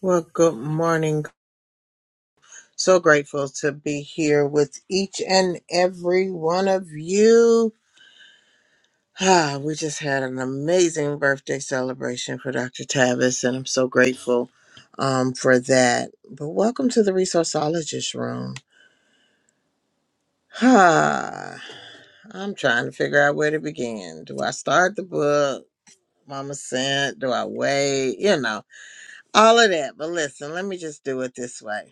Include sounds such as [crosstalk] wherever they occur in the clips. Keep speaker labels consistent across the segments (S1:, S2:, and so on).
S1: Well, good morning. So grateful to be here with each and every one of you. Ah, we just had an amazing birthday celebration for Dr. Tavis, and I'm so grateful um, for that. But welcome to the Resourceologist Room. Ah, I'm trying to figure out where to begin. Do I start the book? Mama sent? Do I wait? You know, all of that. But listen, let me just do it this way.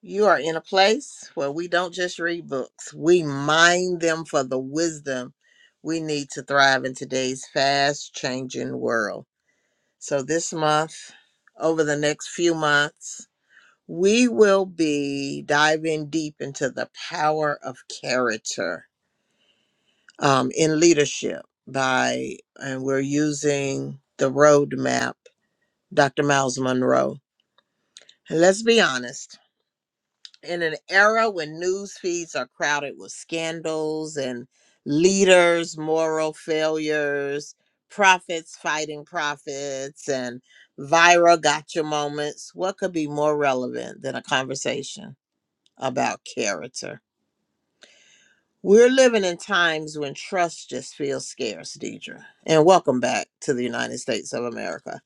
S1: You are in a place where we don't just read books, we mine them for the wisdom we need to thrive in today's fast changing world. So, this month, over the next few months, we will be diving deep into the power of character um, in leadership by, and we're using the roadmap, Dr. Miles Monroe. And let's be honest. in an era when news feeds are crowded with scandals and leaders' moral failures, prophets fighting prophets, and viral gotcha moments, what could be more relevant than a conversation about character? We're living in times when trust just feels scarce, Deidre. And welcome back to the United States of America.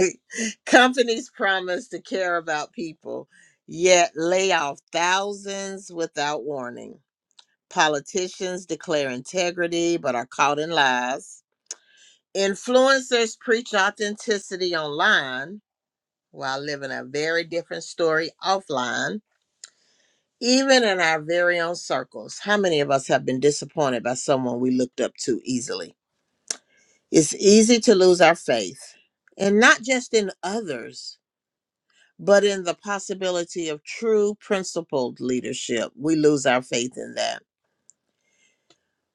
S1: [laughs] Companies promise to care about people, yet lay off thousands without warning. Politicians declare integrity but are caught in lies. Influencers preach authenticity online while living a very different story offline even in our very own circles, how many of us have been disappointed by someone we looked up to easily? It's easy to lose our faith, and not just in others, but in the possibility of true principled leadership. We lose our faith in that.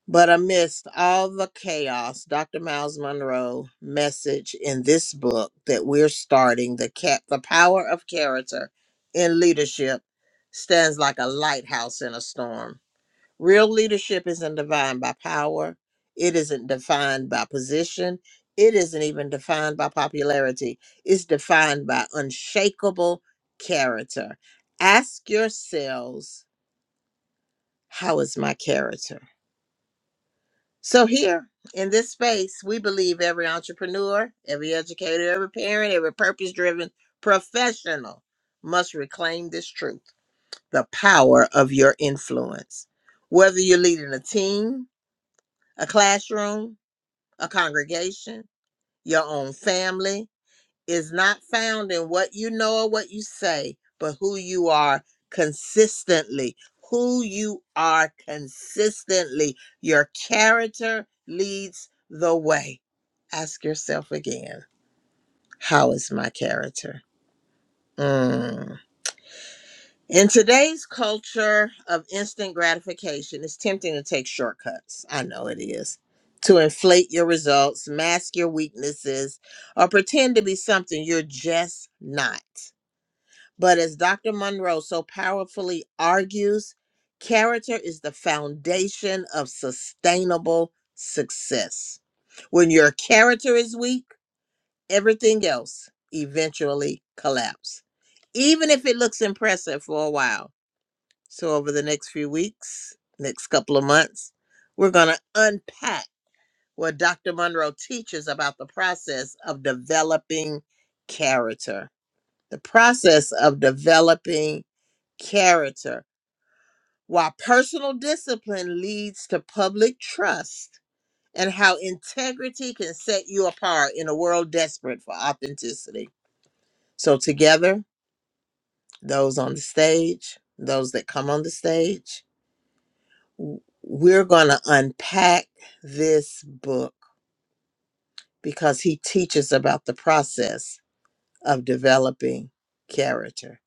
S1: But amidst all the chaos, Dr. Miles Monroe message in this book that we're starting, the cat the power of character in leadership stands like a lighthouse in a storm Real leadership isn't defined by power. It isn't defined by position. It isn't even defined by popularity. It's defined by unshakable character. Ask yourselves, how is my character? So, here in this space, we believe every entrepreneur, every educator, every parent, every purpose driven professional must reclaim this truth the power of your influence. Whether you're leading a team, a classroom, a congregation, your own family is not found in what you know or what you say, but who you are consistently. Who you are consistently. Your character leads the way. Ask yourself again how is my character? Mm. In today's culture of instant gratification, it's tempting to take shortcuts. I know it is. To inflate your results, mask your weaknesses, or pretend to be something you're just not. But as Dr. Monroe so powerfully argues, character is the foundation of sustainable success. When your character is weak, everything else eventually collapses even if it looks impressive for a while. So, over the next few weeks, next couple of months, we're going to unpack what Dr. Monroe teaches about the process of developing character. The process of developing character, why personal discipline leads to public trust, and how integrity can set you apart in a world desperate for authenticity. So, together, those on the stage, those that come on the stage, w- we're going to unpack this book because he teaches about the process of developing character.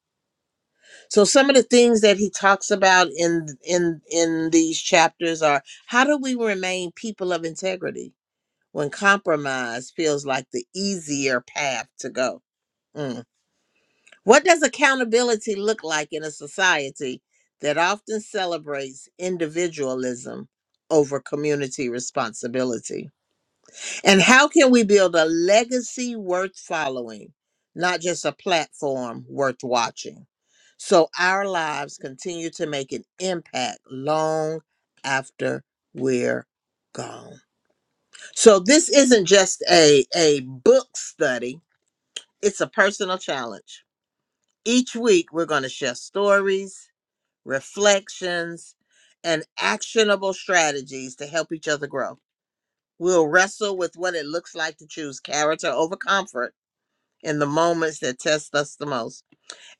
S1: So some of the things that he talks about in in in these chapters are how do we remain people of integrity when compromise feels like the easier path to go? Mm. What does accountability look like in a society that often celebrates individualism over community responsibility? And how can we build a legacy worth following, not just a platform worth watching? So our lives continue to make an impact long after we're gone. So this isn't just a, a book study, it's a personal challenge. Each week, we're going to share stories, reflections, and actionable strategies to help each other grow. We'll wrestle with what it looks like to choose character over comfort in the moments that test us the most.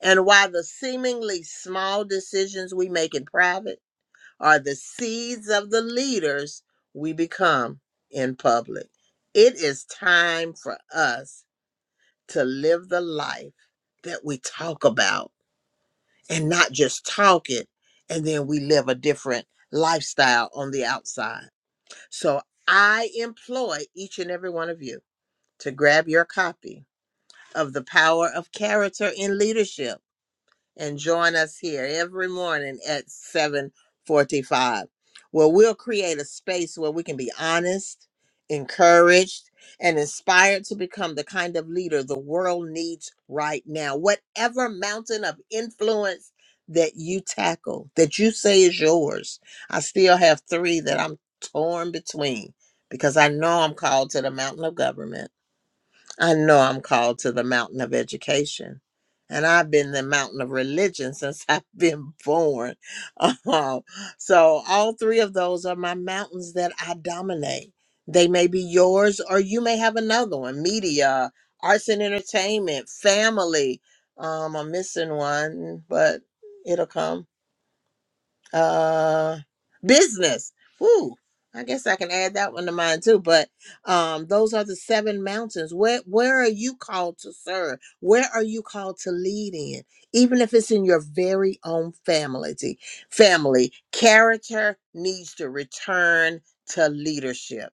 S1: And while the seemingly small decisions we make in private are the seeds of the leaders we become in public, it is time for us to live the life that we talk about and not just talk it, and then we live a different lifestyle on the outside. So I employ each and every one of you to grab your copy of The Power of Character in Leadership and join us here every morning at 7:45 where we'll create a space where we can be honest, encouraged, and inspired to become the kind of leader the world needs right now. Whatever mountain of influence that you tackle, that you say is yours. I still have 3 that I'm torn between because I know I'm called to the mountain of government I know I'm called to the mountain of education. And I've been the mountain of religion since [laughs] I've been born. Um, so all three of those are my mountains that I dominate. They may be yours, or you may have another one media, arts and entertainment, family. Um, I'm missing one, but it'll come uh business. Ooh, I guess I can add that one to mine too. But um those are the seven mountains. Where where are you called to serve? Where are you called to lead in? Even if it's in your very own family family, character needs to return to leadership.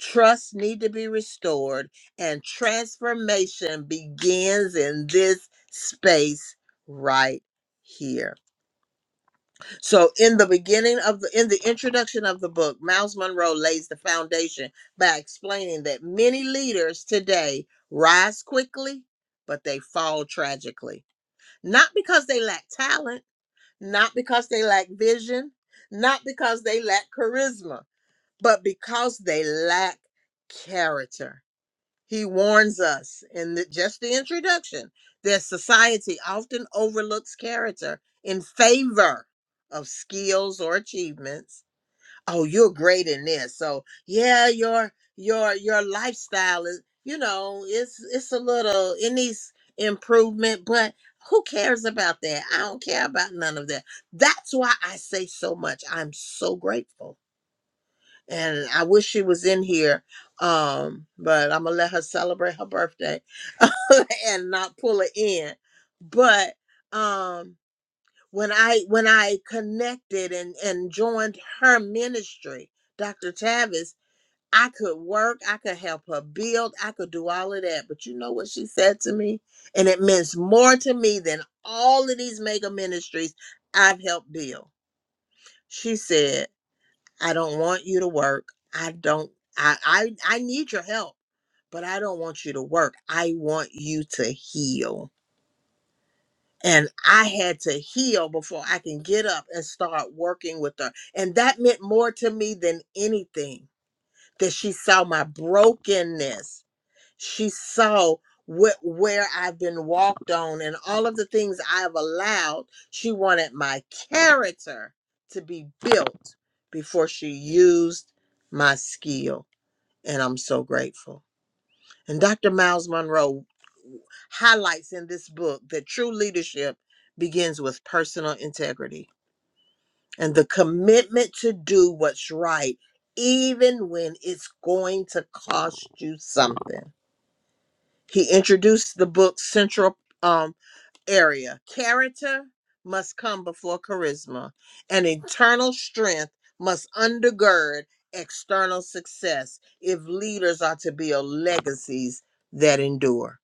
S1: Trust need to be restored and transformation begins in this space right here. So in the beginning of the in the introduction of the book, Miles Monroe lays the foundation by explaining that many leaders today rise quickly, but they fall tragically. Not because they lack talent, not because they lack vision, not because they lack charisma, but because they lack character. He warns us in the, just the introduction that society often overlooks character in favor of skills or achievements. Oh, you're great in this. So yeah, your your your lifestyle is you know it's it's a little it needs improvement, but who cares about that? I don't care about none of that. That's why I say so much. I'm so grateful and I wish she was in here. Um, but I'm gonna let her celebrate her birthday [laughs] and not pull her in. But um when I when I connected and, and joined her ministry, Dr. Tavis, I could work, I could help her build, I could do all of that. But you know what she said to me? And it means more to me than all of these mega ministries I've helped build. She said. I don't want you to work. I don't I I, I need your help, but I don't want you to work. I want you to heal. And I had to heal before I can get up and start working with her. And that meant more to me than anything that she saw my brokenness she saw what where I've been walked on and all of the things I've allowed. She wanted my character to be built before she used my skill, and I'm so grateful. And Dr. Miles Monroe highlights in this book that true leadership begins with personal integrity and the commitment to do what's right even when it's going to cost you something he introduced the book's central um, area. Character must come before charisma, and internal strength must undergird external success if leaders are to build legacies that endure.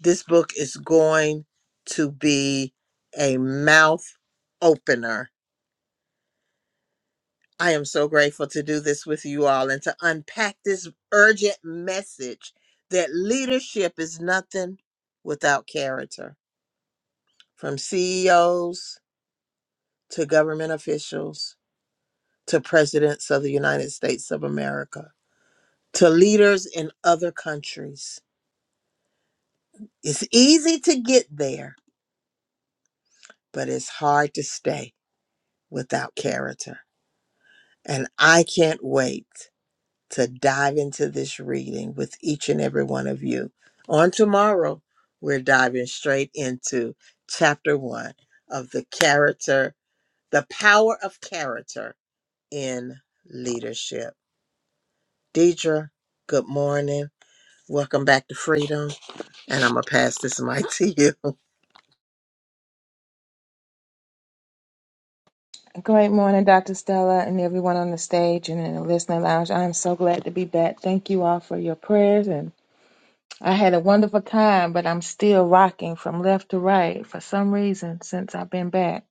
S1: This book is going to be a mouth opener. I am so grateful to do this with you all and to unpack this urgent message that leadership is nothing without character from CEOs to government officials to presidents of the United States of America to leaders in other countries. It's easy to get there, but it's hard to stay without character. And I can't wait to dive into this reading with each and every one of you. On tomorrow, we're diving straight into chapter one of the character, the power of character in leadership. Deidre, good morning. Welcome back to Freedom. And I'm going to pass this mic to you.
S2: Great morning, Dr. Stella, and everyone on the stage and in the listening lounge. I am so glad to be back. Thank you all for your prayers. And I had a wonderful time, but I'm still rocking from left to right for some reason since I've been back.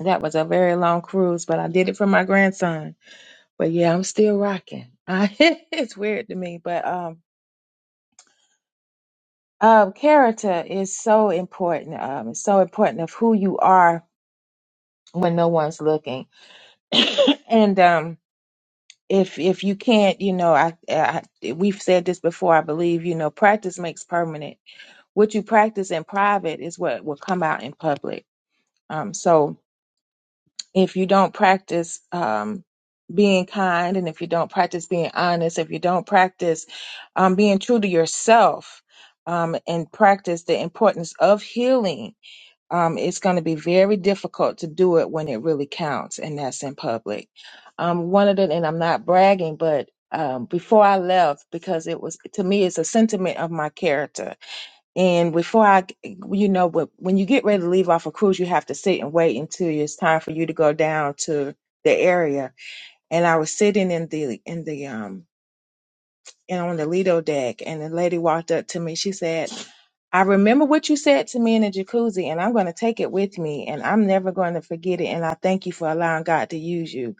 S2: That was a very long cruise, but I did it for my grandson. But yeah, I'm still rocking. [laughs] I, it's weird to me, but um, um, character is so important. Um, it's so important of who you are when no one's looking. [coughs] and um, if if you can't you know I, I we've said this before i believe you know practice makes permanent what you practice in private is what will come out in public um so if you don't practice um being kind and if you don't practice being honest if you don't practice um being true to yourself um and practice the importance of healing um, it's going to be very difficult to do it when it really counts, and that's in public. Um, one of the, and I'm not bragging, but um, before I left, because it was to me, it's a sentiment of my character. And before I, you know, but when you get ready to leave off a cruise, you have to sit and wait until it's time for you to go down to the area. And I was sitting in the in the um and on the Lido deck. And the lady walked up to me. She said, I remember what you said to me in the jacuzzi, and I'm going to take it with me, and I'm never going to forget it. And I thank you for allowing God to use you.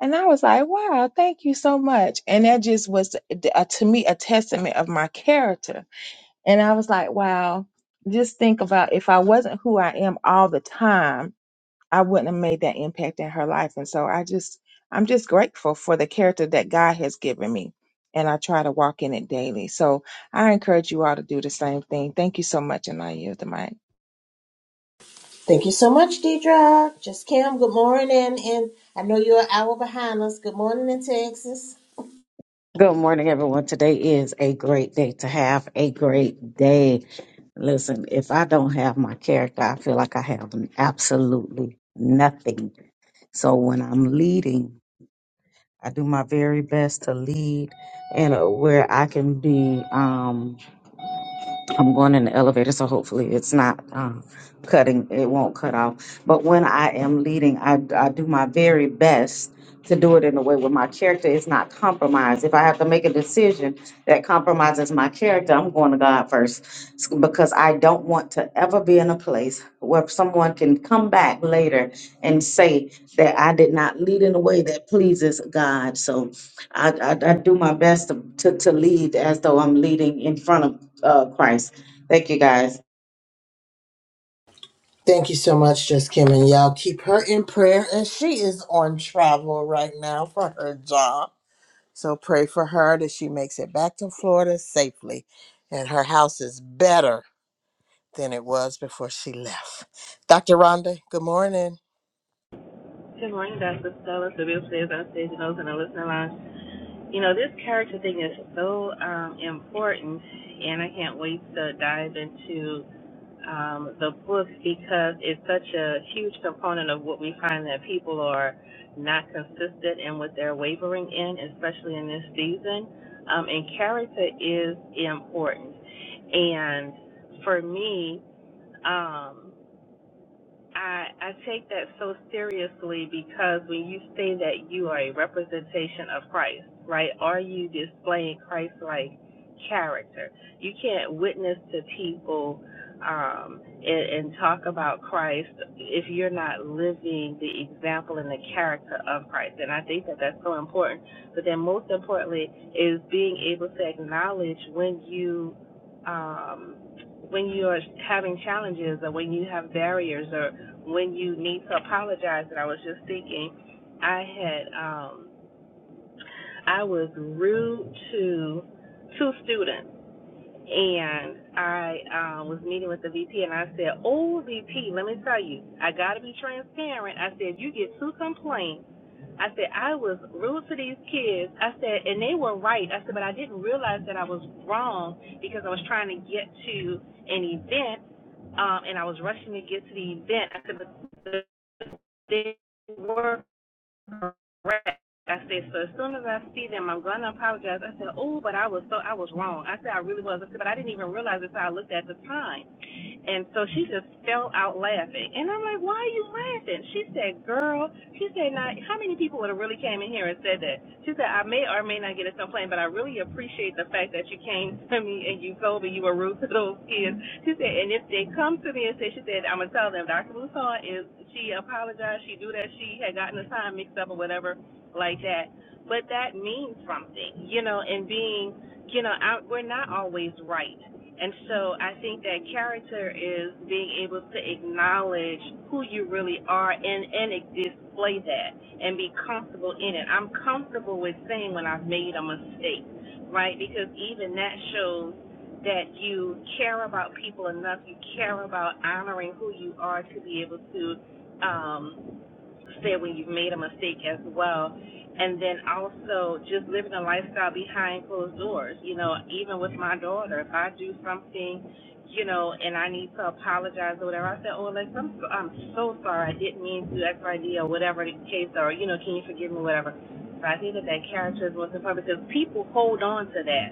S2: And I was like, wow, thank you so much. And that just was, uh, to me, a testament of my character. And I was like, wow, just think about if I wasn't who I am all the time I wouldn't have made that impact in her life. And so I just, I'm just grateful for the character that God has given me. And I try to walk in it daily. So I encourage you all to do the same thing. Thank you so much. And I yield the mic.
S1: Thank you so much, Deidre. Just Kim, good morning. And I know you're an hour behind us. Good morning in Texas.
S3: Good morning, everyone. Today is a great day to have a great day. Listen, if I don't have my character, I feel like I have absolutely nothing. So when I'm leading, I do my very best to lead and uh, where I can be. Um, I'm going in the elevator, so hopefully it's not um, cutting. It won't cut off. But when I am leading, I, I do my very best to do it in a way where my character is not compromised. If I have to make a decision that compromises my character, I'm going to God first S- because I don't want to ever be in a place where someone can come back later and say that I did not lead in a way that pleases God. So I, I, I do my best to, to, to lead as though I'm leading in front of uh, Christ. Thank you guys.
S1: Thank you so much, Just Kim. And y'all keep her in prayer as she is on travel right now for her job. So pray for her that she makes it back to Florida safely and her house is better than it was before she left. Dr. Rhonda, good morning.
S4: Good morning, Dr. Stella. So, beautiful is on stage and those in the listening lounge. You know, this character thing is so um, important, and I can't wait to dive into um, the book because it's such a huge component of what we find that people are not consistent in what they're wavering in, especially in this season. Um, and character is important. And for me, um, I I take that so seriously because when you say that you are a representation of Christ, right? Are you displaying Christ like character? You can't witness to people um and, and talk about Christ if you're not living the example and the character of Christ. And I think that that's so important. But then most importantly is being able to acknowledge when you um when you're having challenges or when you have barriers or when you need to apologize and I was just thinking I had um I was rude to two students and I uh, was meeting with the VP and I said, Oh VP, let me tell you, I gotta be transparent. I said, You get two complaints I said, I was rude to these kids. I said, and they were right. I said, but I didn't realize that I was wrong because I was trying to get to an event um, and I was rushing to get to the event. I said, but they were correct. I said, so as soon as I see them, I'm going to apologize. I said, oh, but I was so, I was wrong. I said, I really was. I said, but I didn't even realize it until I looked at the time. And so she just fell out laughing. And I'm like, why are you laughing? She said, girl, she said, now, how many people would have really came in here and said that? She said, I may or may not get a complaint, but I really appreciate the fact that you came to me and you told me you were rude to those kids. She said, and if they come to me and say, she said, I'm going to tell them Dr. Bouton is, she apologized, she knew that she had gotten the time mixed up or whatever like that. But that means something, you know, and being, you know, I, we're not always right. And so I think that character is being able to acknowledge who you really are and, and display that and be comfortable in it. I'm comfortable with saying when I've made a mistake, right? Because even that shows that you care about people enough, you care about honoring who you are to be able to um, said when you've made a mistake as well. And then also just living a lifestyle behind closed doors. You know, even with my daughter, if I do something, you know, and I need to apologize or whatever, I say, oh, Alexa, I'm so, I'm so sorry. I didn't mean to X, Y, D, or whatever the case, or, you know, can you forgive me, whatever. So I think that that characterism was important because people hold on to that.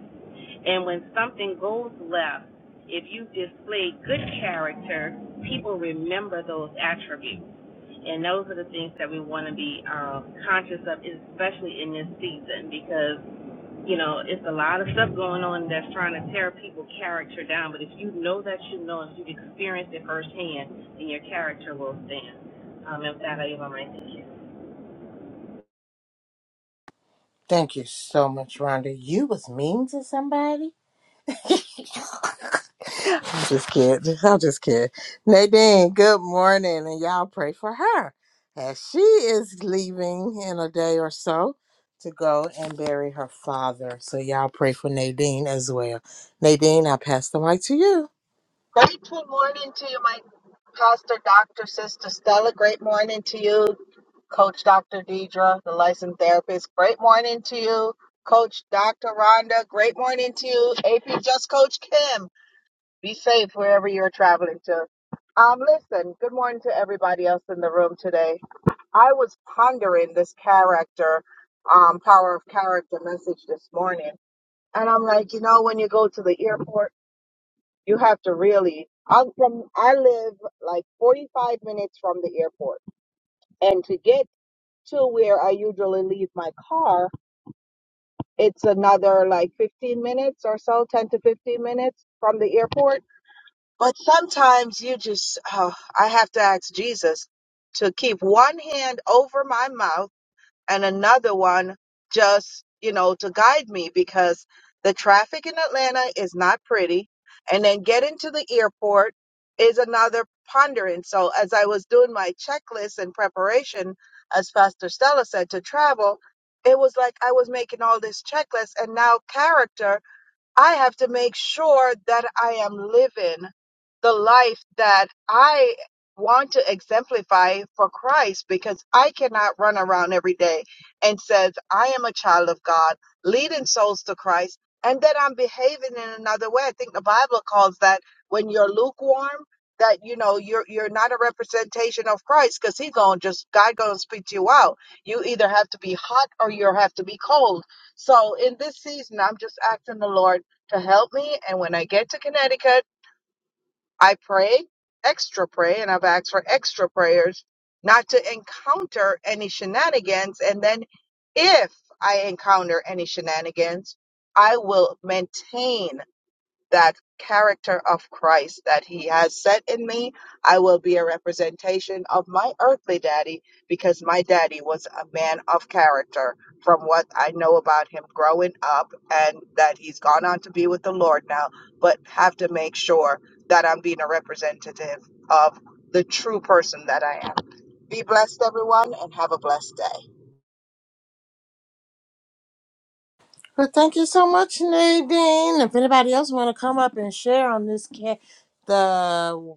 S4: And when something goes left, if you display good character, people remember those attributes. And those are the things that we want to be um, conscious of, especially in this season, because you know it's a lot of stuff going on that's trying to tear people's character down. But if you know that you know, if you've experienced it firsthand, then your character will stand. Um, and that, I give my mic you.
S1: Thank you so much, Rhonda. You was mean to somebody? [laughs] I'm just kidding. I'm just kidding. Nadine, good morning. And y'all pray for her as she is leaving in a day or so to go and bury her father. So y'all pray for Nadine as well. Nadine, I pass the mic to you.
S5: Grateful morning to you, my pastor, Dr. Sister Stella. Great morning to you, Coach Dr. Deidre, the licensed therapist. Great morning to you, Coach Dr. Rhonda. Great morning to you, AP Just Coach Kim. Be safe wherever you're traveling to. Um, listen, good morning to everybody else in the room today. I was pondering this character, um, power of character message this morning. And I'm like, you know, when you go to the airport you have to really. I'm from. I live like 45 minutes from the airport, and to get to where I usually leave my car, it's another like 15 minutes or so, 10 to 15 minutes from the airport. But sometimes you just, oh, I have to ask Jesus to keep one hand over my mouth and another one just, you know, to guide me because the traffic in Atlanta is not pretty. And then getting to the airport is another pondering. So as I was doing my checklist and preparation, as Pastor Stella said, to travel, it was like I was making all this checklist and now character I have to make sure that I am living the life that I want to exemplify for Christ because I cannot run around every day and says I am a child of God, leading souls to Christ, and that I'm behaving in another way. I think the Bible calls that when you're lukewarm, that you know you're you're not a representation of Christ because He gonna just God gonna speak to you out. You either have to be hot or you have to be cold. So in this season, I'm just asking the Lord to help me. And when I get to Connecticut, I pray, extra pray, and I've asked for extra prayers not to encounter any shenanigans. And then if I encounter any shenanigans, I will maintain that character of Christ that he has set in me, I will be a representation of my earthly daddy because my daddy was a man of character from what I know about him growing up and that he's gone on to be with the Lord now, but have to make sure that I'm being a representative of the true person that I am. Be blessed, everyone, and have a blessed day.
S1: Well, thank you so much, Nadine. If anybody else want to come up and share on this, ca- the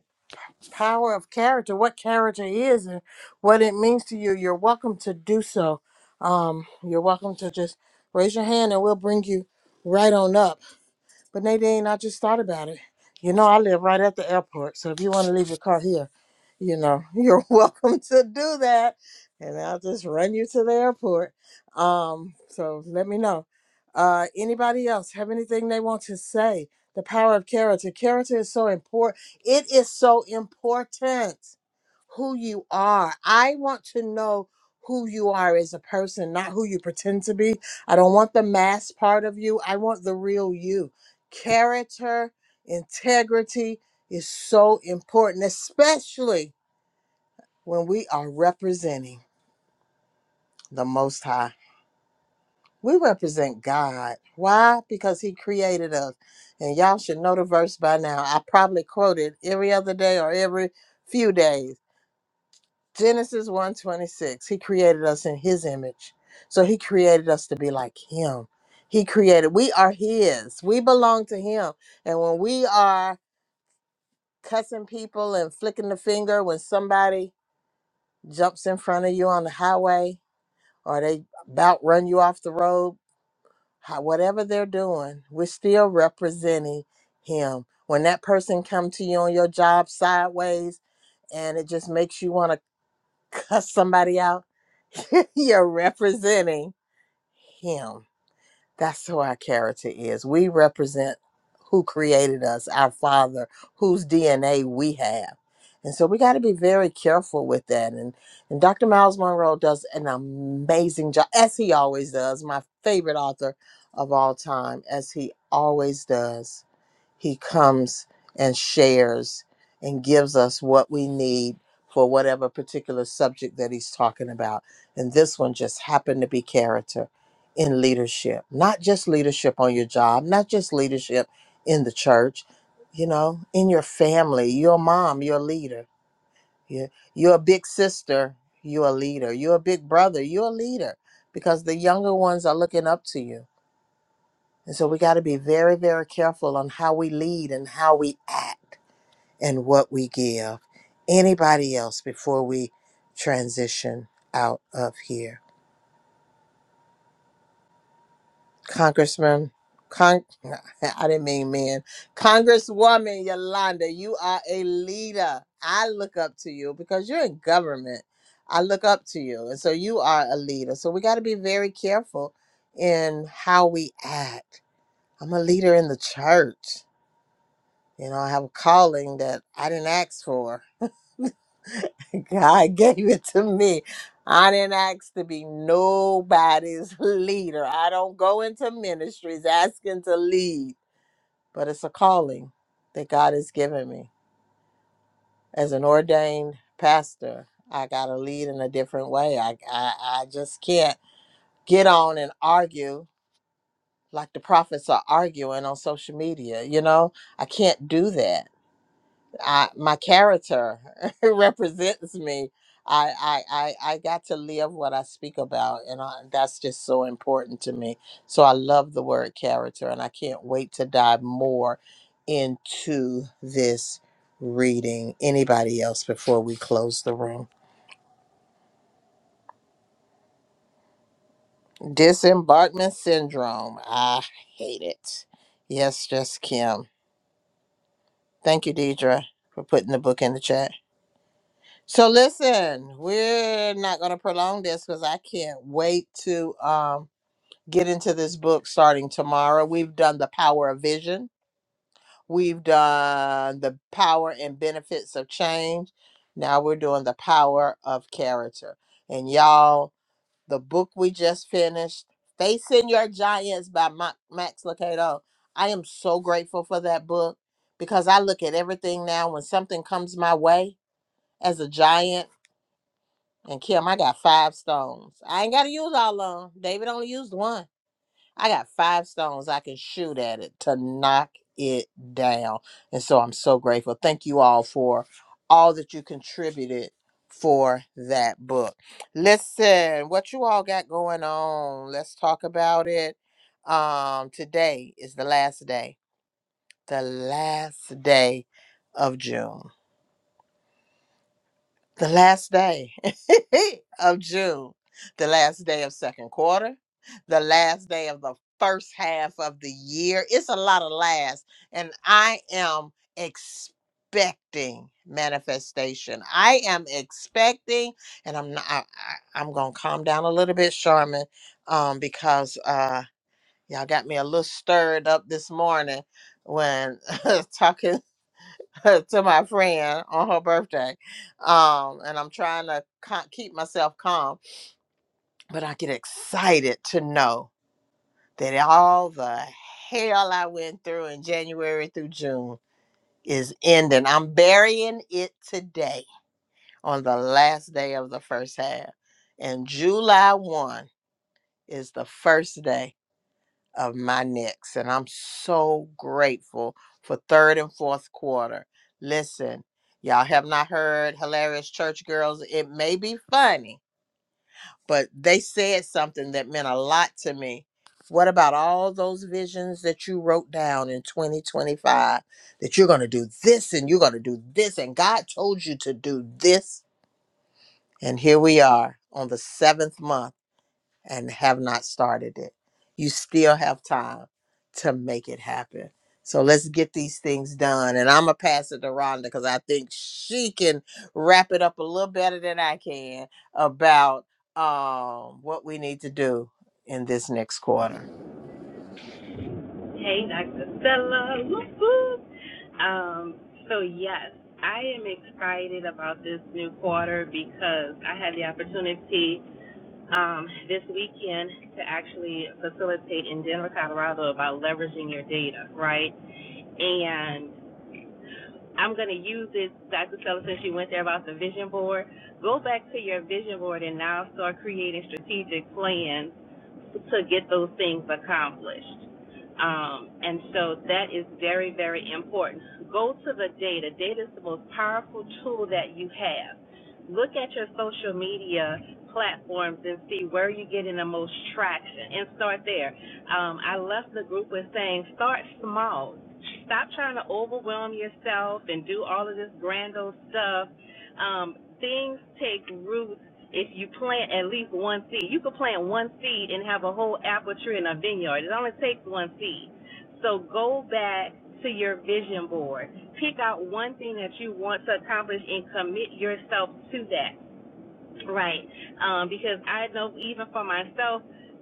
S1: power of character, what character is, and what it means to you, you're welcome to do so. Um, you're welcome to just raise your hand and we'll bring you right on up. But Nadine, I just thought about it. You know, I live right at the airport, so if you want to leave your car here, you know, [laughs] you're welcome to do that, and I'll just run you to the airport. Um, so let me know. Uh, anybody else have anything they want to say? The power of character. Character is so important. It is so important who you are. I want to know who you are as a person, not who you pretend to be. I don't want the mask part of you. I want the real you character, integrity is so important, especially when we are representing the Most High. We represent God. Why? Because He created us. And y'all should know the verse by now. I probably quote it every other day or every few days. Genesis one twenty six. He created us in his image. So he created us to be like him. He created. We are his. We belong to him. And when we are cussing people and flicking the finger when somebody jumps in front of you on the highway or they about run you off the road, how, whatever they're doing, we're still representing him. When that person come to you on your job sideways and it just makes you want to cuss somebody out, [laughs] you're representing him. That's who our character is. We represent who created us, our Father, whose DNA we have. And so we got to be very careful with that. And, and Dr. Miles Monroe does an amazing job, as he always does, my favorite author of all time, as he always does he comes and shares and gives us what we need for whatever particular subject that he's talking about. And this one just happened to be character in leadership, not just leadership on your job, not just leadership in the church, you know, in your family, your mom, your leader, your, your big sister, you're a leader, you're a big brother, you're a leader because the younger ones are looking up to you and so we got to be very, very careful on how we lead and how we act and what we give anybody else before we transition out of here. Congressman, Con- [laughs] I didn't mean man. Congresswoman Yolanda, you are a leader. I look up to you because you're in government. I look up to you. And so you are a leader. So we got to be very careful in how we act. I'm a leader in the church. You know, I have a calling that I didn't ask for. [laughs] God gave it to me. I didn't ask to be nobody's leader. I don't go into ministries asking to lead, but it's a calling that God has given me. As an ordained pastor, I got to lead in a different way. I, I, I just can't get on and argue like the prophets are arguing on social media. You know, I can't do that. I, my character [laughs] represents me. I, I I I got to live what I speak about, and I, that's just so important to me. So I love the word character, and I can't wait to dive more into this reading. Anybody else before we close the room? Disembarkment syndrome. I hate it. Yes, just Kim. Thank you, Deidre, for putting the book in the chat. So listen, we're not going to prolong this because I can't wait to um, get into this book starting tomorrow. We've done the power of vision. We've done the power and benefits of change. Now we're doing the power of character. And y'all, the book we just finished, Facing Your Giants by Ma- Max Lucado. I am so grateful for that book because I look at everything now when something comes my way as a giant. And Kim, I got five stones. I ain't got to use all of them. David only used one. I got five stones I can shoot at it to knock it down. And so I'm so grateful. Thank you all for all that you contributed for that book. Listen, what you all got going on? Let's talk about it. Um, today is the last day, the last day of June. the last day [laughs] of June, the last day of second quarter, the last day of the first half of the year. It's a lot of last. And I am expecting manifestation. I am expecting, and I'm not, I, I, am going to calm down a little bit, Charmin, um, because uh, y'all got me a little stirred up this morning when [laughs] talking. [laughs] to my friend on her birthday. Um, and I'm trying to co- keep myself calm, but I get excited to know that all the hell I went through in January through June is ending. I'm burying it today on the last day of the first half. And July 1 is the first day of my next. And I'm so grateful for third and fourth quarter. Listen, y'all have not heard Hilarious Church Girls. It may be funny, but they said something that meant a lot to me. What about all those visions that you wrote down in 2025 that you're going to do this and you're going to do this and God told you to do this? And here we are on the seventh month and have not started it, you still have time to make it happen. So let's get these things done. And I'm going to pass it to Rhonda because I think she can wrap it up a little better than I can about um, what we need to do in this next quarter.
S4: Hey, Dr. Stella. Whoop, whoop. Um, so yes, I am excited about this new quarter because I had the opportunity um, this weekend to actually facilitate in Denver, Colorado about leveraging your data, right? And I'm going to use this, Dr. Sellers, since you went there about the vision board. Go back to your vision board and now start creating strategic plans to get those things accomplished. Um, and so that is very, very important. Go to the data. Data is the most powerful tool that you have. Look at your social media platforms and see where you're getting the most traction and start there. Um, I left the group with saying, start small. Stop trying to overwhelm yourself and do all of this grand old stuff. Um, things take root if you plant at least one seed. You could plant one seed and have a whole apple tree in a vineyard. It only takes one seed. So go back to your vision board. Pick out one thing that you want to accomplish and commit yourself to that. Right. Um, because I know even for myself,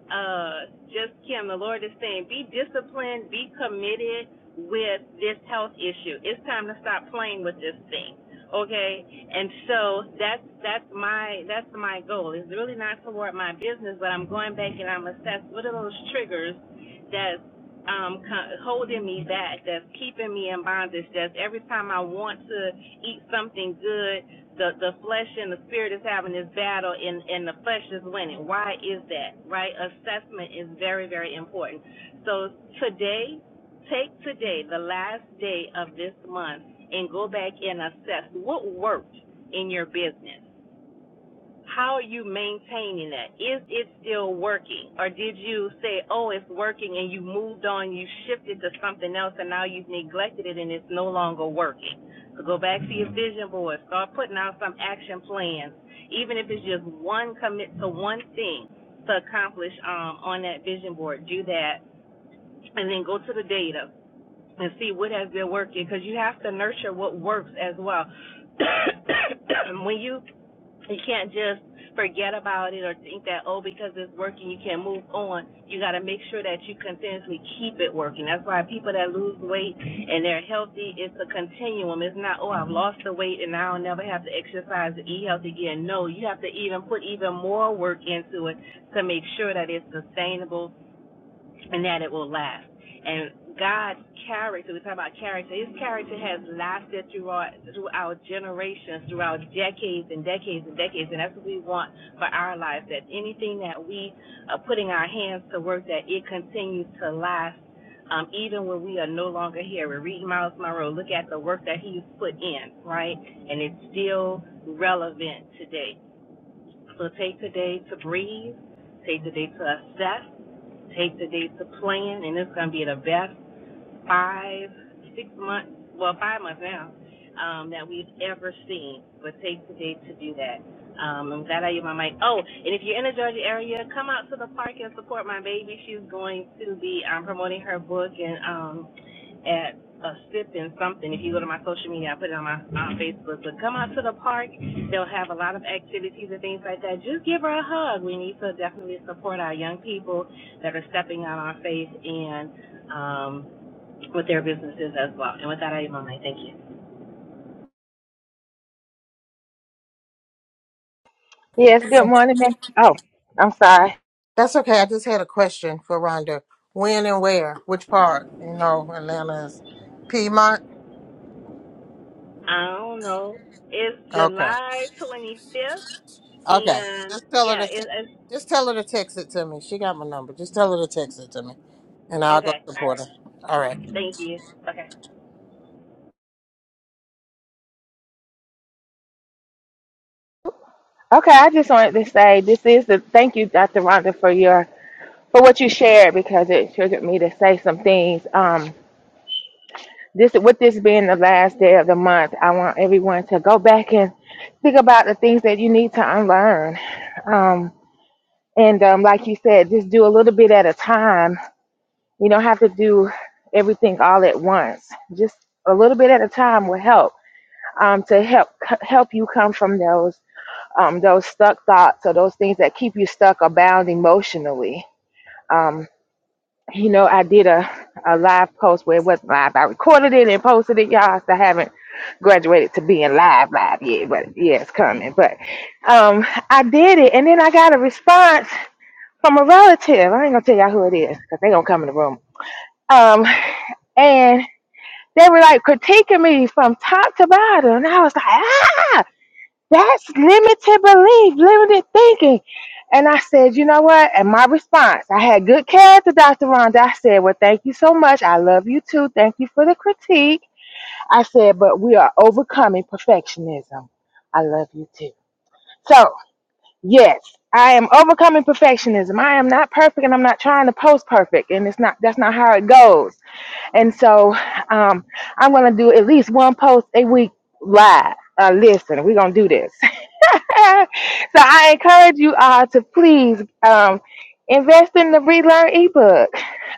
S4: uh, just Kim, the Lord is saying, be disciplined, be committed with this health issue. It's time to stop playing with this thing. Okay. And so that's, that's my, that's my goal. It's really not toward my business, but I'm going back and I'm assess what are those triggers that's, um, co- holding me back, that's keeping me in bondage, that's every time I want to eat something good, the the flesh and the spirit is having this battle and and the flesh is winning why is that right assessment is very very important so today take today the last day of this month and go back and assess what worked in your business how are you maintaining that? Is it still working? Or did you say, oh, it's working and you moved on, you shifted to something else and now you've neglected it and it's no longer working? So go back to your hmm vision board, start putting out some action plans, even if it's just one commit to one thing to accomplish um, on that vision board. Do that and then go to the data and see what has been working because you have to nurture what works as well. [coughs] when you you can't just forget about it or think that, oh, because it's working, you can move on. You got to make sure that you continuously keep it working. That's why people that lose weight and they're healthy, it's a continuum. It's not, oh, I've lost the weight and now I'll never have to exercise and eat healthy again. No, you have to even put even more work into it to make sure that it's sustainable and that it will last. And God's character, we talk about character, his character has lasted throughout, throughout generations, throughout decades and decades and decades. And that's what we want for our lives, that anything that we are putting our hands to work, that it continues to last. Um, even when we are no longer here, we read Miles Monroe. Look at the work that he's put in, right? And it's still relevant today. So take today to breathe, take today to assess, Take the day to plan, and it's going to be the best five, six months, well, five months now, um, that we've ever seen. But take today to do that. Um, I'm glad I used my mic. Oh, and if you're in the Georgia area, come out to the park and support my baby. She's going to be um, promoting her book and um, at a sip and something. If you go to my social media, I put it on my on Facebook. But come out to the park. They'll have a lot of activities and things like that. Just give her a hug. We need to definitely support our young people that are stepping out on faith and um, with their businesses as well. And with that, I am on my thank you.
S2: Yes, good morning. ma- Oh, I'm sorry.
S1: That's okay. I just had a question for Rhonda. When and where? Which part? You know, Atlanta is Piedmont.
S4: I don't know. It's
S1: Okay.
S4: July 25th,
S1: Okay.
S4: and
S1: Just tell her
S4: yeah,
S1: to te-
S4: it, it's
S1: just tell her to text it to me. She got my number. Just tell her to text it to me. And I'll go
S4: okay. All
S1: support her.
S4: right.
S1: All right.
S4: Thank you. Okay.
S2: Okay, I just wanted to say this is the thank you, Dr. Rhonda, for your for what you shared because it triggered me to say some things. Um, this with this being the last day of the month, I want everyone to go back and think about the things that you need to unlearn. Um, And um, like you said, just do a little bit at a time. You don't have to do everything all at once. Just a little bit at a time will help um, to help c- help you come from those um, those stuck thoughts or those things that keep you stuck or bound emotionally. Um, you know, I did a, a live post where it wasn't live. I recorded it and posted it, y'all. So I haven't graduated to being live live yet, but yeah, it's coming. But um, I did it, and then I got a response from a relative. I ain't gonna tell y'all who it is because they gonna come in the room. Um, and they were like critiquing me from top to bottom, and I was like, ah, that's limited belief, limited thinking. And I said, you know what? And my response, I had good character, Dr. Rhonda. I said, well, thank you so much. I love you too. Thank you for the critique. I said, but we are overcoming perfectionism. I love you too. So. Yes, I am overcoming perfectionism. I am not perfect and I'm not trying to post perfect and it's not that's not how it goes. And so um I'm going to do at least one post a week live. Uh, listen, we're going to do this. [laughs] so I encourage you all to please um invest in the relearn ebook.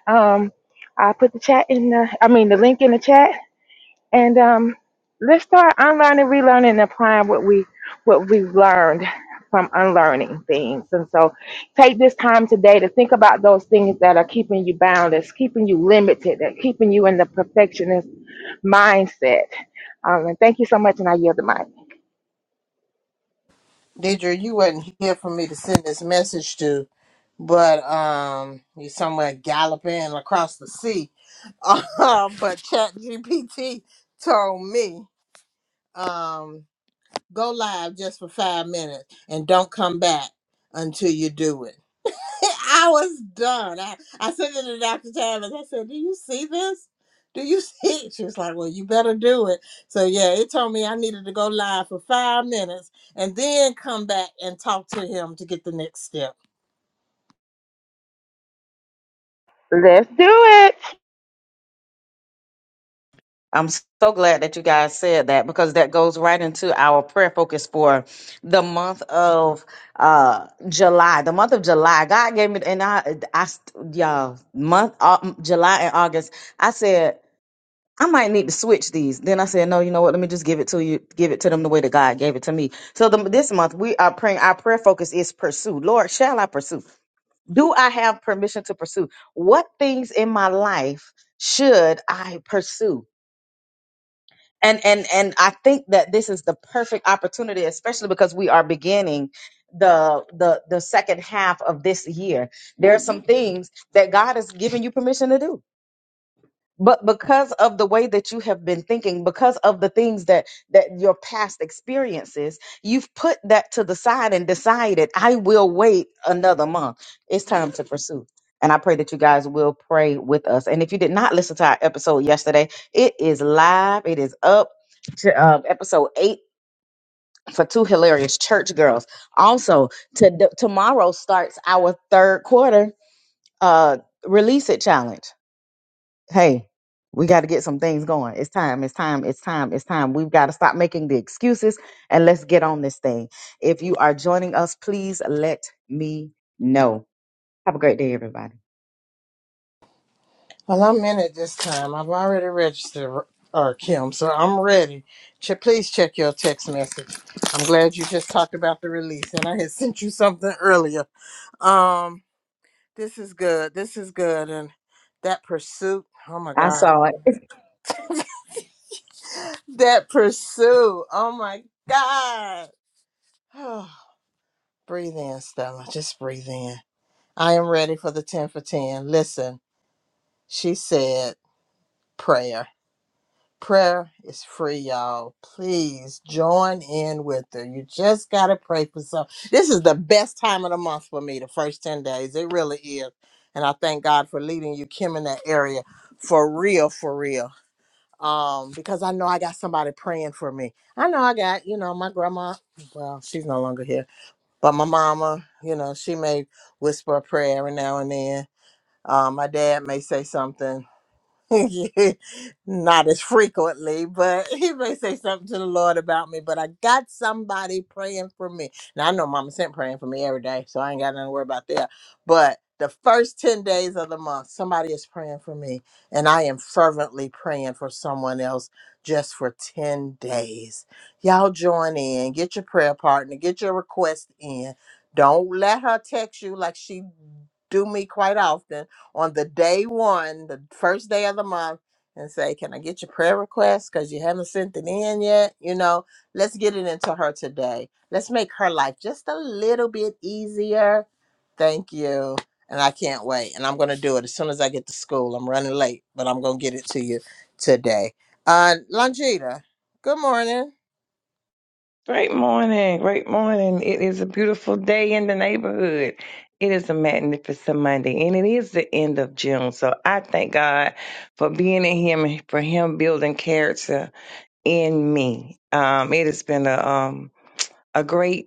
S2: Um I put the chat in the I mean the link in the chat and um, let's start unlearning, relearning, and applying what we what we learned from unlearning things. And so, take this time today to think about those things that are keeping you bound, that's keeping you limited, that keeping you in the perfectionist mindset. Um, and thank you so much, and I yield the mic.
S1: Deidre, you wasn't here for me to send this message to, but um, you are somewhere galloping across the sea. [laughs] Um, but ChatGPT told me, um, go live just for five minutes and don't come back until you do it. [laughs] I was done. I, I sent it to Dr. Tavis. I said, Do you see this? Do you [laughs] see it? She was like, Well, you better do it. So, yeah, it told me I needed to go live for five minutes and then come back and talk to him to get the next step.
S2: Let's do it.
S3: I'm so glad that you guys said that because that goes right into our prayer focus for the month of uh July. The month of July, God gave me, and I, I, st- y'all, month uh, July and August. I said I might need to switch these. Then I said, no, you know what? Let me just give it to you, give it to them the way that God gave it to me. So the, this month we are praying. Our prayer focus is pursue. Lord, shall I pursue? do I have permission to pursue? What things in my life should I pursue? And and and I think that this is the perfect opportunity, especially because we are beginning the the the second half of this year. There are some things that God has given you permission to do but because of the way that you have been thinking because of the things that that your past experiences you've put that to the side and decided i will wait another month it's time to pursue and i pray that you guys will pray with us and if you did not listen to our episode yesterday it is live it is up to um, episode 8 for two hilarious church girls also to tomorrow starts our third quarter uh release it challenge hey, we got to get some things going. It's time. It's time. It's time. It's time. We've got to stop making the excuses and let's get on this thing. If you are joining us, please let me know. Have a great day, everybody.
S1: Well, I'm in it this time. I've already registered, uh, Kim, so I'm ready. Ch- please check your text message. I'm glad you just talked about the release, and I had sent you something earlier. Um, this is good. This is good. And that pursuit, oh my
S3: I
S1: God.
S3: saw it.
S1: that pursuit. Oh my God. [sighs] breathe in, Stella. Just breathe in. I am ready for the 10 for 10. Listen, she said prayer. Prayer is free, y'all. Please join in with her. You just got to pray for some. This is the best time of the month for me, the first 10 days. It really is. And I thank God for leading you, Kim, in that area. For real, for real. um because i know i got somebody praying for me i know i got you know my grandma well she's no longer here but my mama you know she may whisper a prayer every now and then um my dad may say something [laughs] Not as frequently, but he may say something to the Lord about me. But I got somebody praying for me. Now I know Mama Sent praying for me every day, so I ain't got nothing to worry about there. But the first 10 days of the month, somebody is praying for me, and I am fervently praying for someone else just for 10 days. Y'all join in, get your prayer partner, get your request in. Don't let her text you like she do me quite often on the day one, the first day of the month, and say, Can I get your prayer request? Because you haven't sent it in yet. You know, let's get it into her today. Let's make her life just a little bit easier. Thank you. And I can't wait. And I'm going to do it as soon as I get to school. I'm running late, but I'm going to get it to you today. Uh, Longita, good morning.
S6: Great morning. Great morning. It is a beautiful day in the neighborhood. It is a magnificent Monday, and it is the end of June. So I thank God for being in Him and for Him building character in me. Um, it has been a um, a great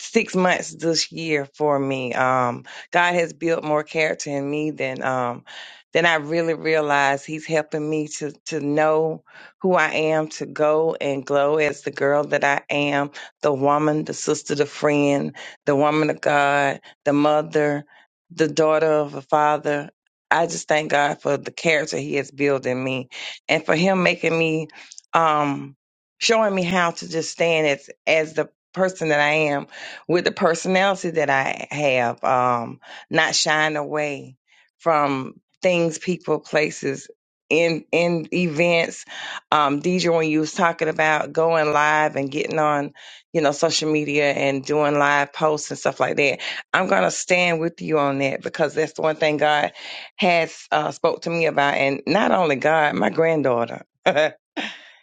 S6: six months this year for me. Um, God has built more character in me than um, than I really realized. He's helping me to to know who I am, to go and glow as the girl that I am, the woman, the sister, the friend, the woman of God, the mother, the daughter of a father. I just thank God for the character He has built in me, and for Him making me, um, showing me how to just stand as as the person that I am with the personality that I have, um, not shying away from things, people, places, in in events. Um, DJ, when you was talking about going live and getting on, you know, social media and doing live posts and stuff like that, I'm gonna stand with you on that because that's the one thing God has uh, spoke to me about, and not only God, my granddaughter. [laughs]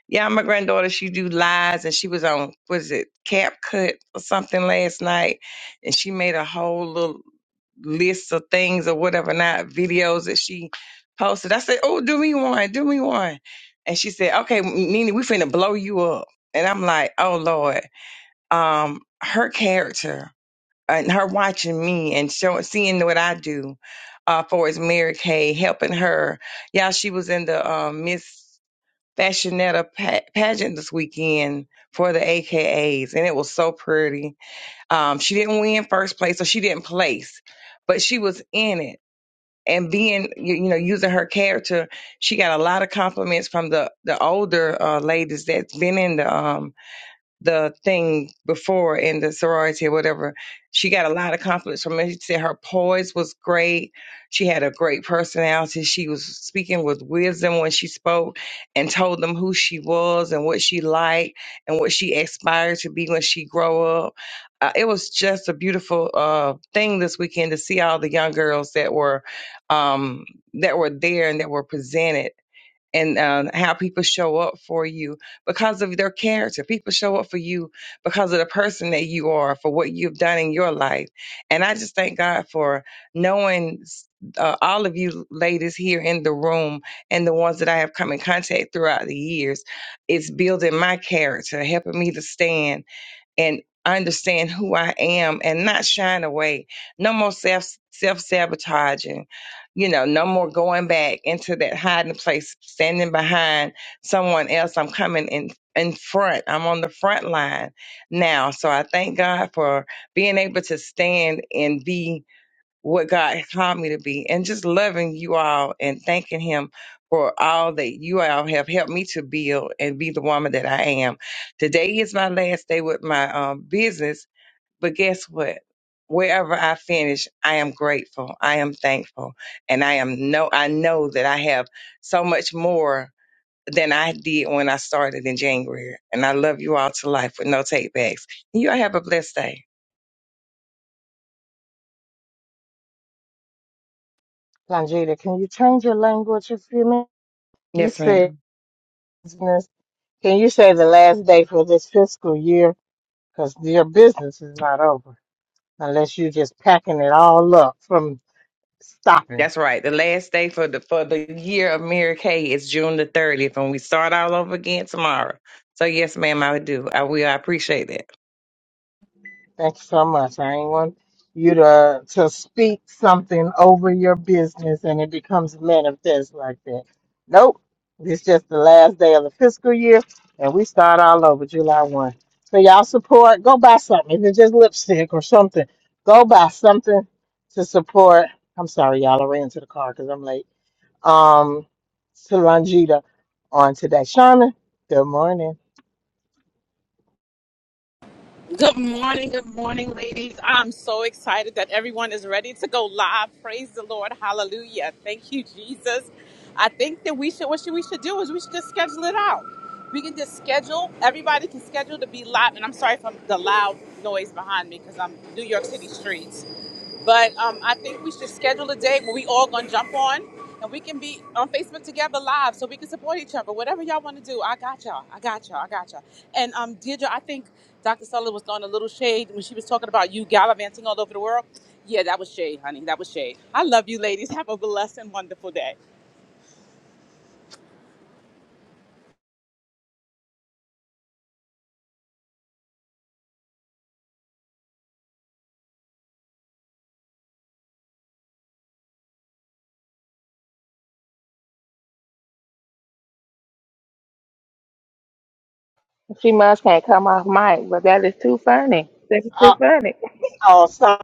S6: Yeah, my granddaughter, she do lies and she was on was it Cap Cut or something last night and she made a whole little list of things or whatever not videos that she posted. I said, Oh, do me one, do me one. And she said, Okay, Nene, we finna blow you up. And I'm like, Oh Lord. Um, her character and her watching me and showing seeing what I do uh for as Mary Kay, helping her. Yeah, she was in the um Miss fashionetta pa- pageant this weekend for the AKAs, and it was so pretty. Um, she didn't win first place, so she didn't place, but she was in it. And being, you, you know, using her character, she got a lot of compliments from the the older uh, ladies that's been in the um, the thing before in the sorority or whatever, she got a lot of compliments from me. She said her poise was great. She had a great personality. She was speaking with wisdom when she spoke and told them who she was and what she liked and what she aspired to be when she grow up. Uh, it was just a beautiful uh, thing this weekend to see all the young girls that were um, that were there and that were presented and um, how people show up for you because of their character. People show up for you because of the person that you are, for what you've done in your life. And I just thank God for knowing uh, all of you ladies here in the room and the ones that I have come in contact throughout the years. It's building my character, helping me to stand and understand who I am and not shine away. No more self self sabotaging. You know, no more going back into that hiding place, standing behind someone else. I'm coming in in front. I'm on the front line now. So I thank God for being able to stand and be what God called me to be and just loving you all and thanking him for all that you all have helped me to build and be the woman that I am. Today is my last day with my um, business, but guess what? Wherever I finish, I am grateful. I am thankful. And I am no I know that I have so much more than I did when I started in January. And I love you all to life with no takebacks. You all have a blessed day.
S1: Longita, can you change your language a few minutes? You
S6: Yes, ma'am.
S1: said business. Can you say the last day for this fiscal year? because your business is not over unless you're just packing it all up from stopping.
S6: That's right. The last day for the for the year of Mary Kay is June the thirtieth, and we start all over again tomorrow. So yes, ma'am, I would do. I will. I appreciate that.
S1: Thank you so much. I ain't want you to to speak something over your business and it becomes manifest like that. Nope. It's just the last day of the fiscal year and we start all over July 1. So y'all support, go buy something. If it's just lipstick or something, go buy something to support. I'm sorry, y'all. I ran to the car because I'm late um, to Longita on today. Shauna, good morning.
S7: Good morning, good morning, ladies. I'm so excited that everyone is ready to go live. Praise the Lord. Hallelujah. Thank you, Jesus. I think that we should what should we should do is we should just schedule it out. We can just schedule, everybody can schedule to be live. And I'm sorry for the loud noise behind me because I'm New York City streets. But um, I think we should schedule a day where we all gonna jump on and we can be on Facebook together live so we can support each other. Whatever y'all want to do, I got y'all. I got y'all. I got y'all. And um, Deirdre, I think Dr. Sulla was throwing a little shade when she was talking about you gallivanting all over the world. Yeah, that was shade, honey. That was shade. I love you, ladies. Have a blessed and wonderful day.
S2: She must can't come off mic, but that is too funny. That is too
S1: Uh,
S2: funny.
S1: oh, sorry.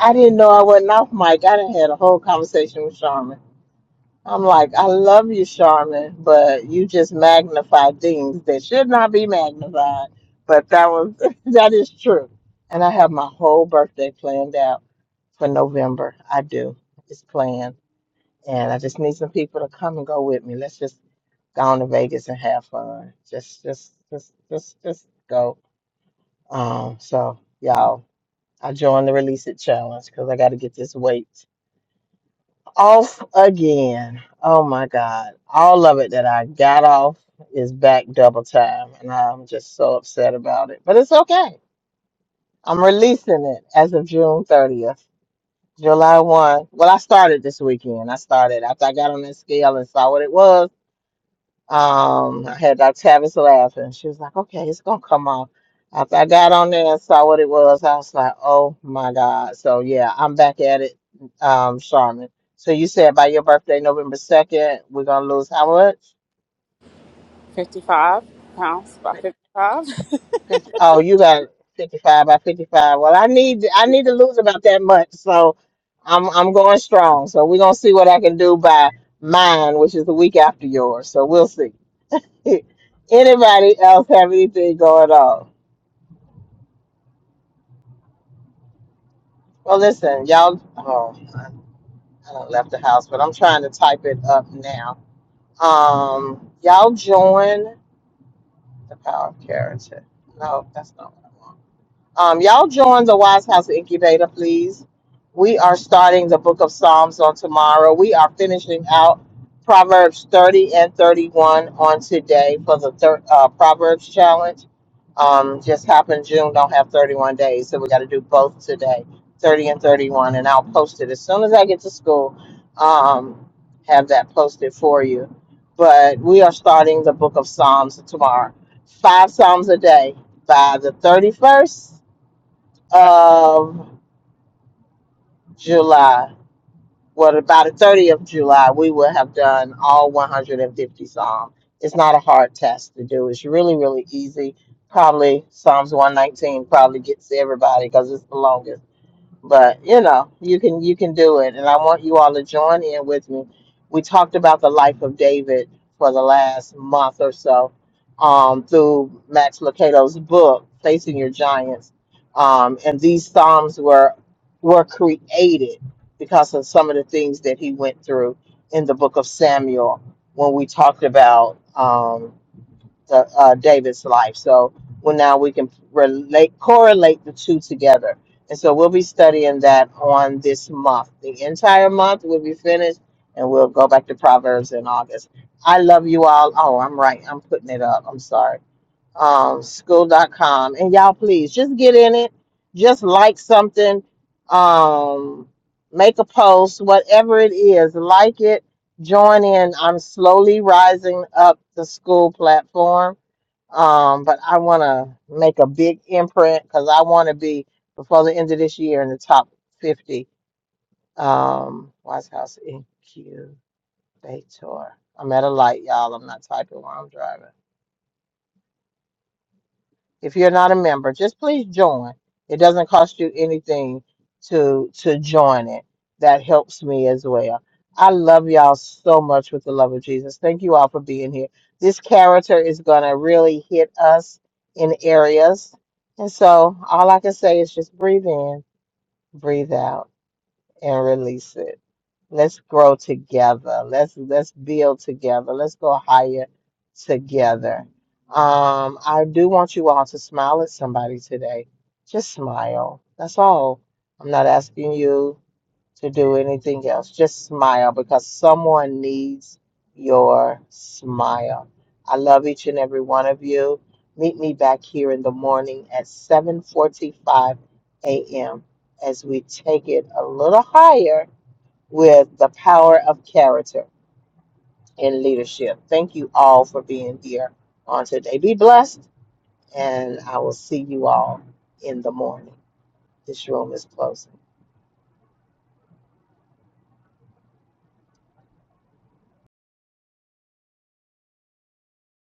S1: I didn't know I wasn't off mic. I done had a whole conversation with Shauna. I'm like, I love you, Charmin, but you just magnify things that should not be magnified. But that was [laughs] that is true. And I have my whole birthday planned out for November. I do. It's planned. And I just need some people to come and go with me. Let's just go on to Vegas and have fun. Just just just just just go. Um, so y'all, I joined the release it challenge because I gotta get this weight off again. Oh my God. All of it that I got off is back double time. And I'm just so upset about it. But it's okay. I'm releasing it as of June 30th. July 1. Well, I started this weekend. I started after I got on that scale and saw what it was. Um, I had Dr. Tavis laughing. She was like, okay, it's gonna come off. After I got on there and saw what it was, I was like, oh my God. So yeah, I'm back at it, um, Charmin. So you said by your birthday, November 2nd, we're gonna lose how much?
S7: 55 pounds, about
S1: Fif-
S7: 55.
S1: oh, you got 55 by 55. Well, I need
S7: [laughs]
S1: I need to lose about that much. So I'm I'm going strong. So we're gonna see what I can do by mine, which is the week after yours. So we'll see. [laughs] Anybody else have anything going on? Well, listen, y'all. Oh, I I done left the house, but I'm trying to type it up now. Um, y'all join the power of character. No, that's not what I want. Um, y'all join the Wise House Incubator, please. We are starting the book of Psalms on tomorrow. We are finishing out Proverbs 30 and 31 on today for the third uh, Proverbs challenge. Um, just happened June, don't have 31 days, so we got to do both today 30 and 31. And I'll post it as soon as I get to school, um, have that posted for you. But we are starting the book of Psalms tomorrow, five Psalms a day by the 31st of July, well, by the 30th of July, we will have done all 150 Psalms. It's not a hard task to do. It's really, really easy. Probably Psalms 119 probably gets everybody because it's the longest but you know you can you can do it and i want you all to join in with me we talked about the life of david for the last month or so um, through max lucato's book facing your giants um, and these psalms were were created because of some of the things that he went through in the book of samuel when we talked about Um, to uh, David's life. So well, now we can relate, correlate the two together. And so we'll be studying that on this month. The entire month will be finished, and we'll go back to Proverbs in August. I love you all. Oh, I'm right. I'm putting it up. I'm sorry. Um, school.com. And y'all, please just get in it. Just like something. Um, make a post, whatever it is. Like it. Join in. I'm slowly rising up the school platform um, but I want to make a big imprint because I want to be before the end of this year in the top 50. Um, White House incubator. I'm at a light, y'all. I'm not typing while I'm driving. if you're not a member just please join it doesn't cost you anything to to join it that helps me as well i love y'all so much with the love of jesus thank you all for being here this character is going to really hit us in areas and so all i can say is just breathe in breathe out and release it. Let's grow together. Let's let's build together. Let's go higher together. Um, I do want you all to smile at somebody today. Just smile. That's all. I'm not asking you to do anything else. Just smile because someone needs your smile. I love each and every one of you. Meet me back here in the morning at 7:45 a.m. as we take it a little higher with the power of character and leadership. Thank you all for being here on today. Be blessed, and I will see you all in the morning. This room is closing.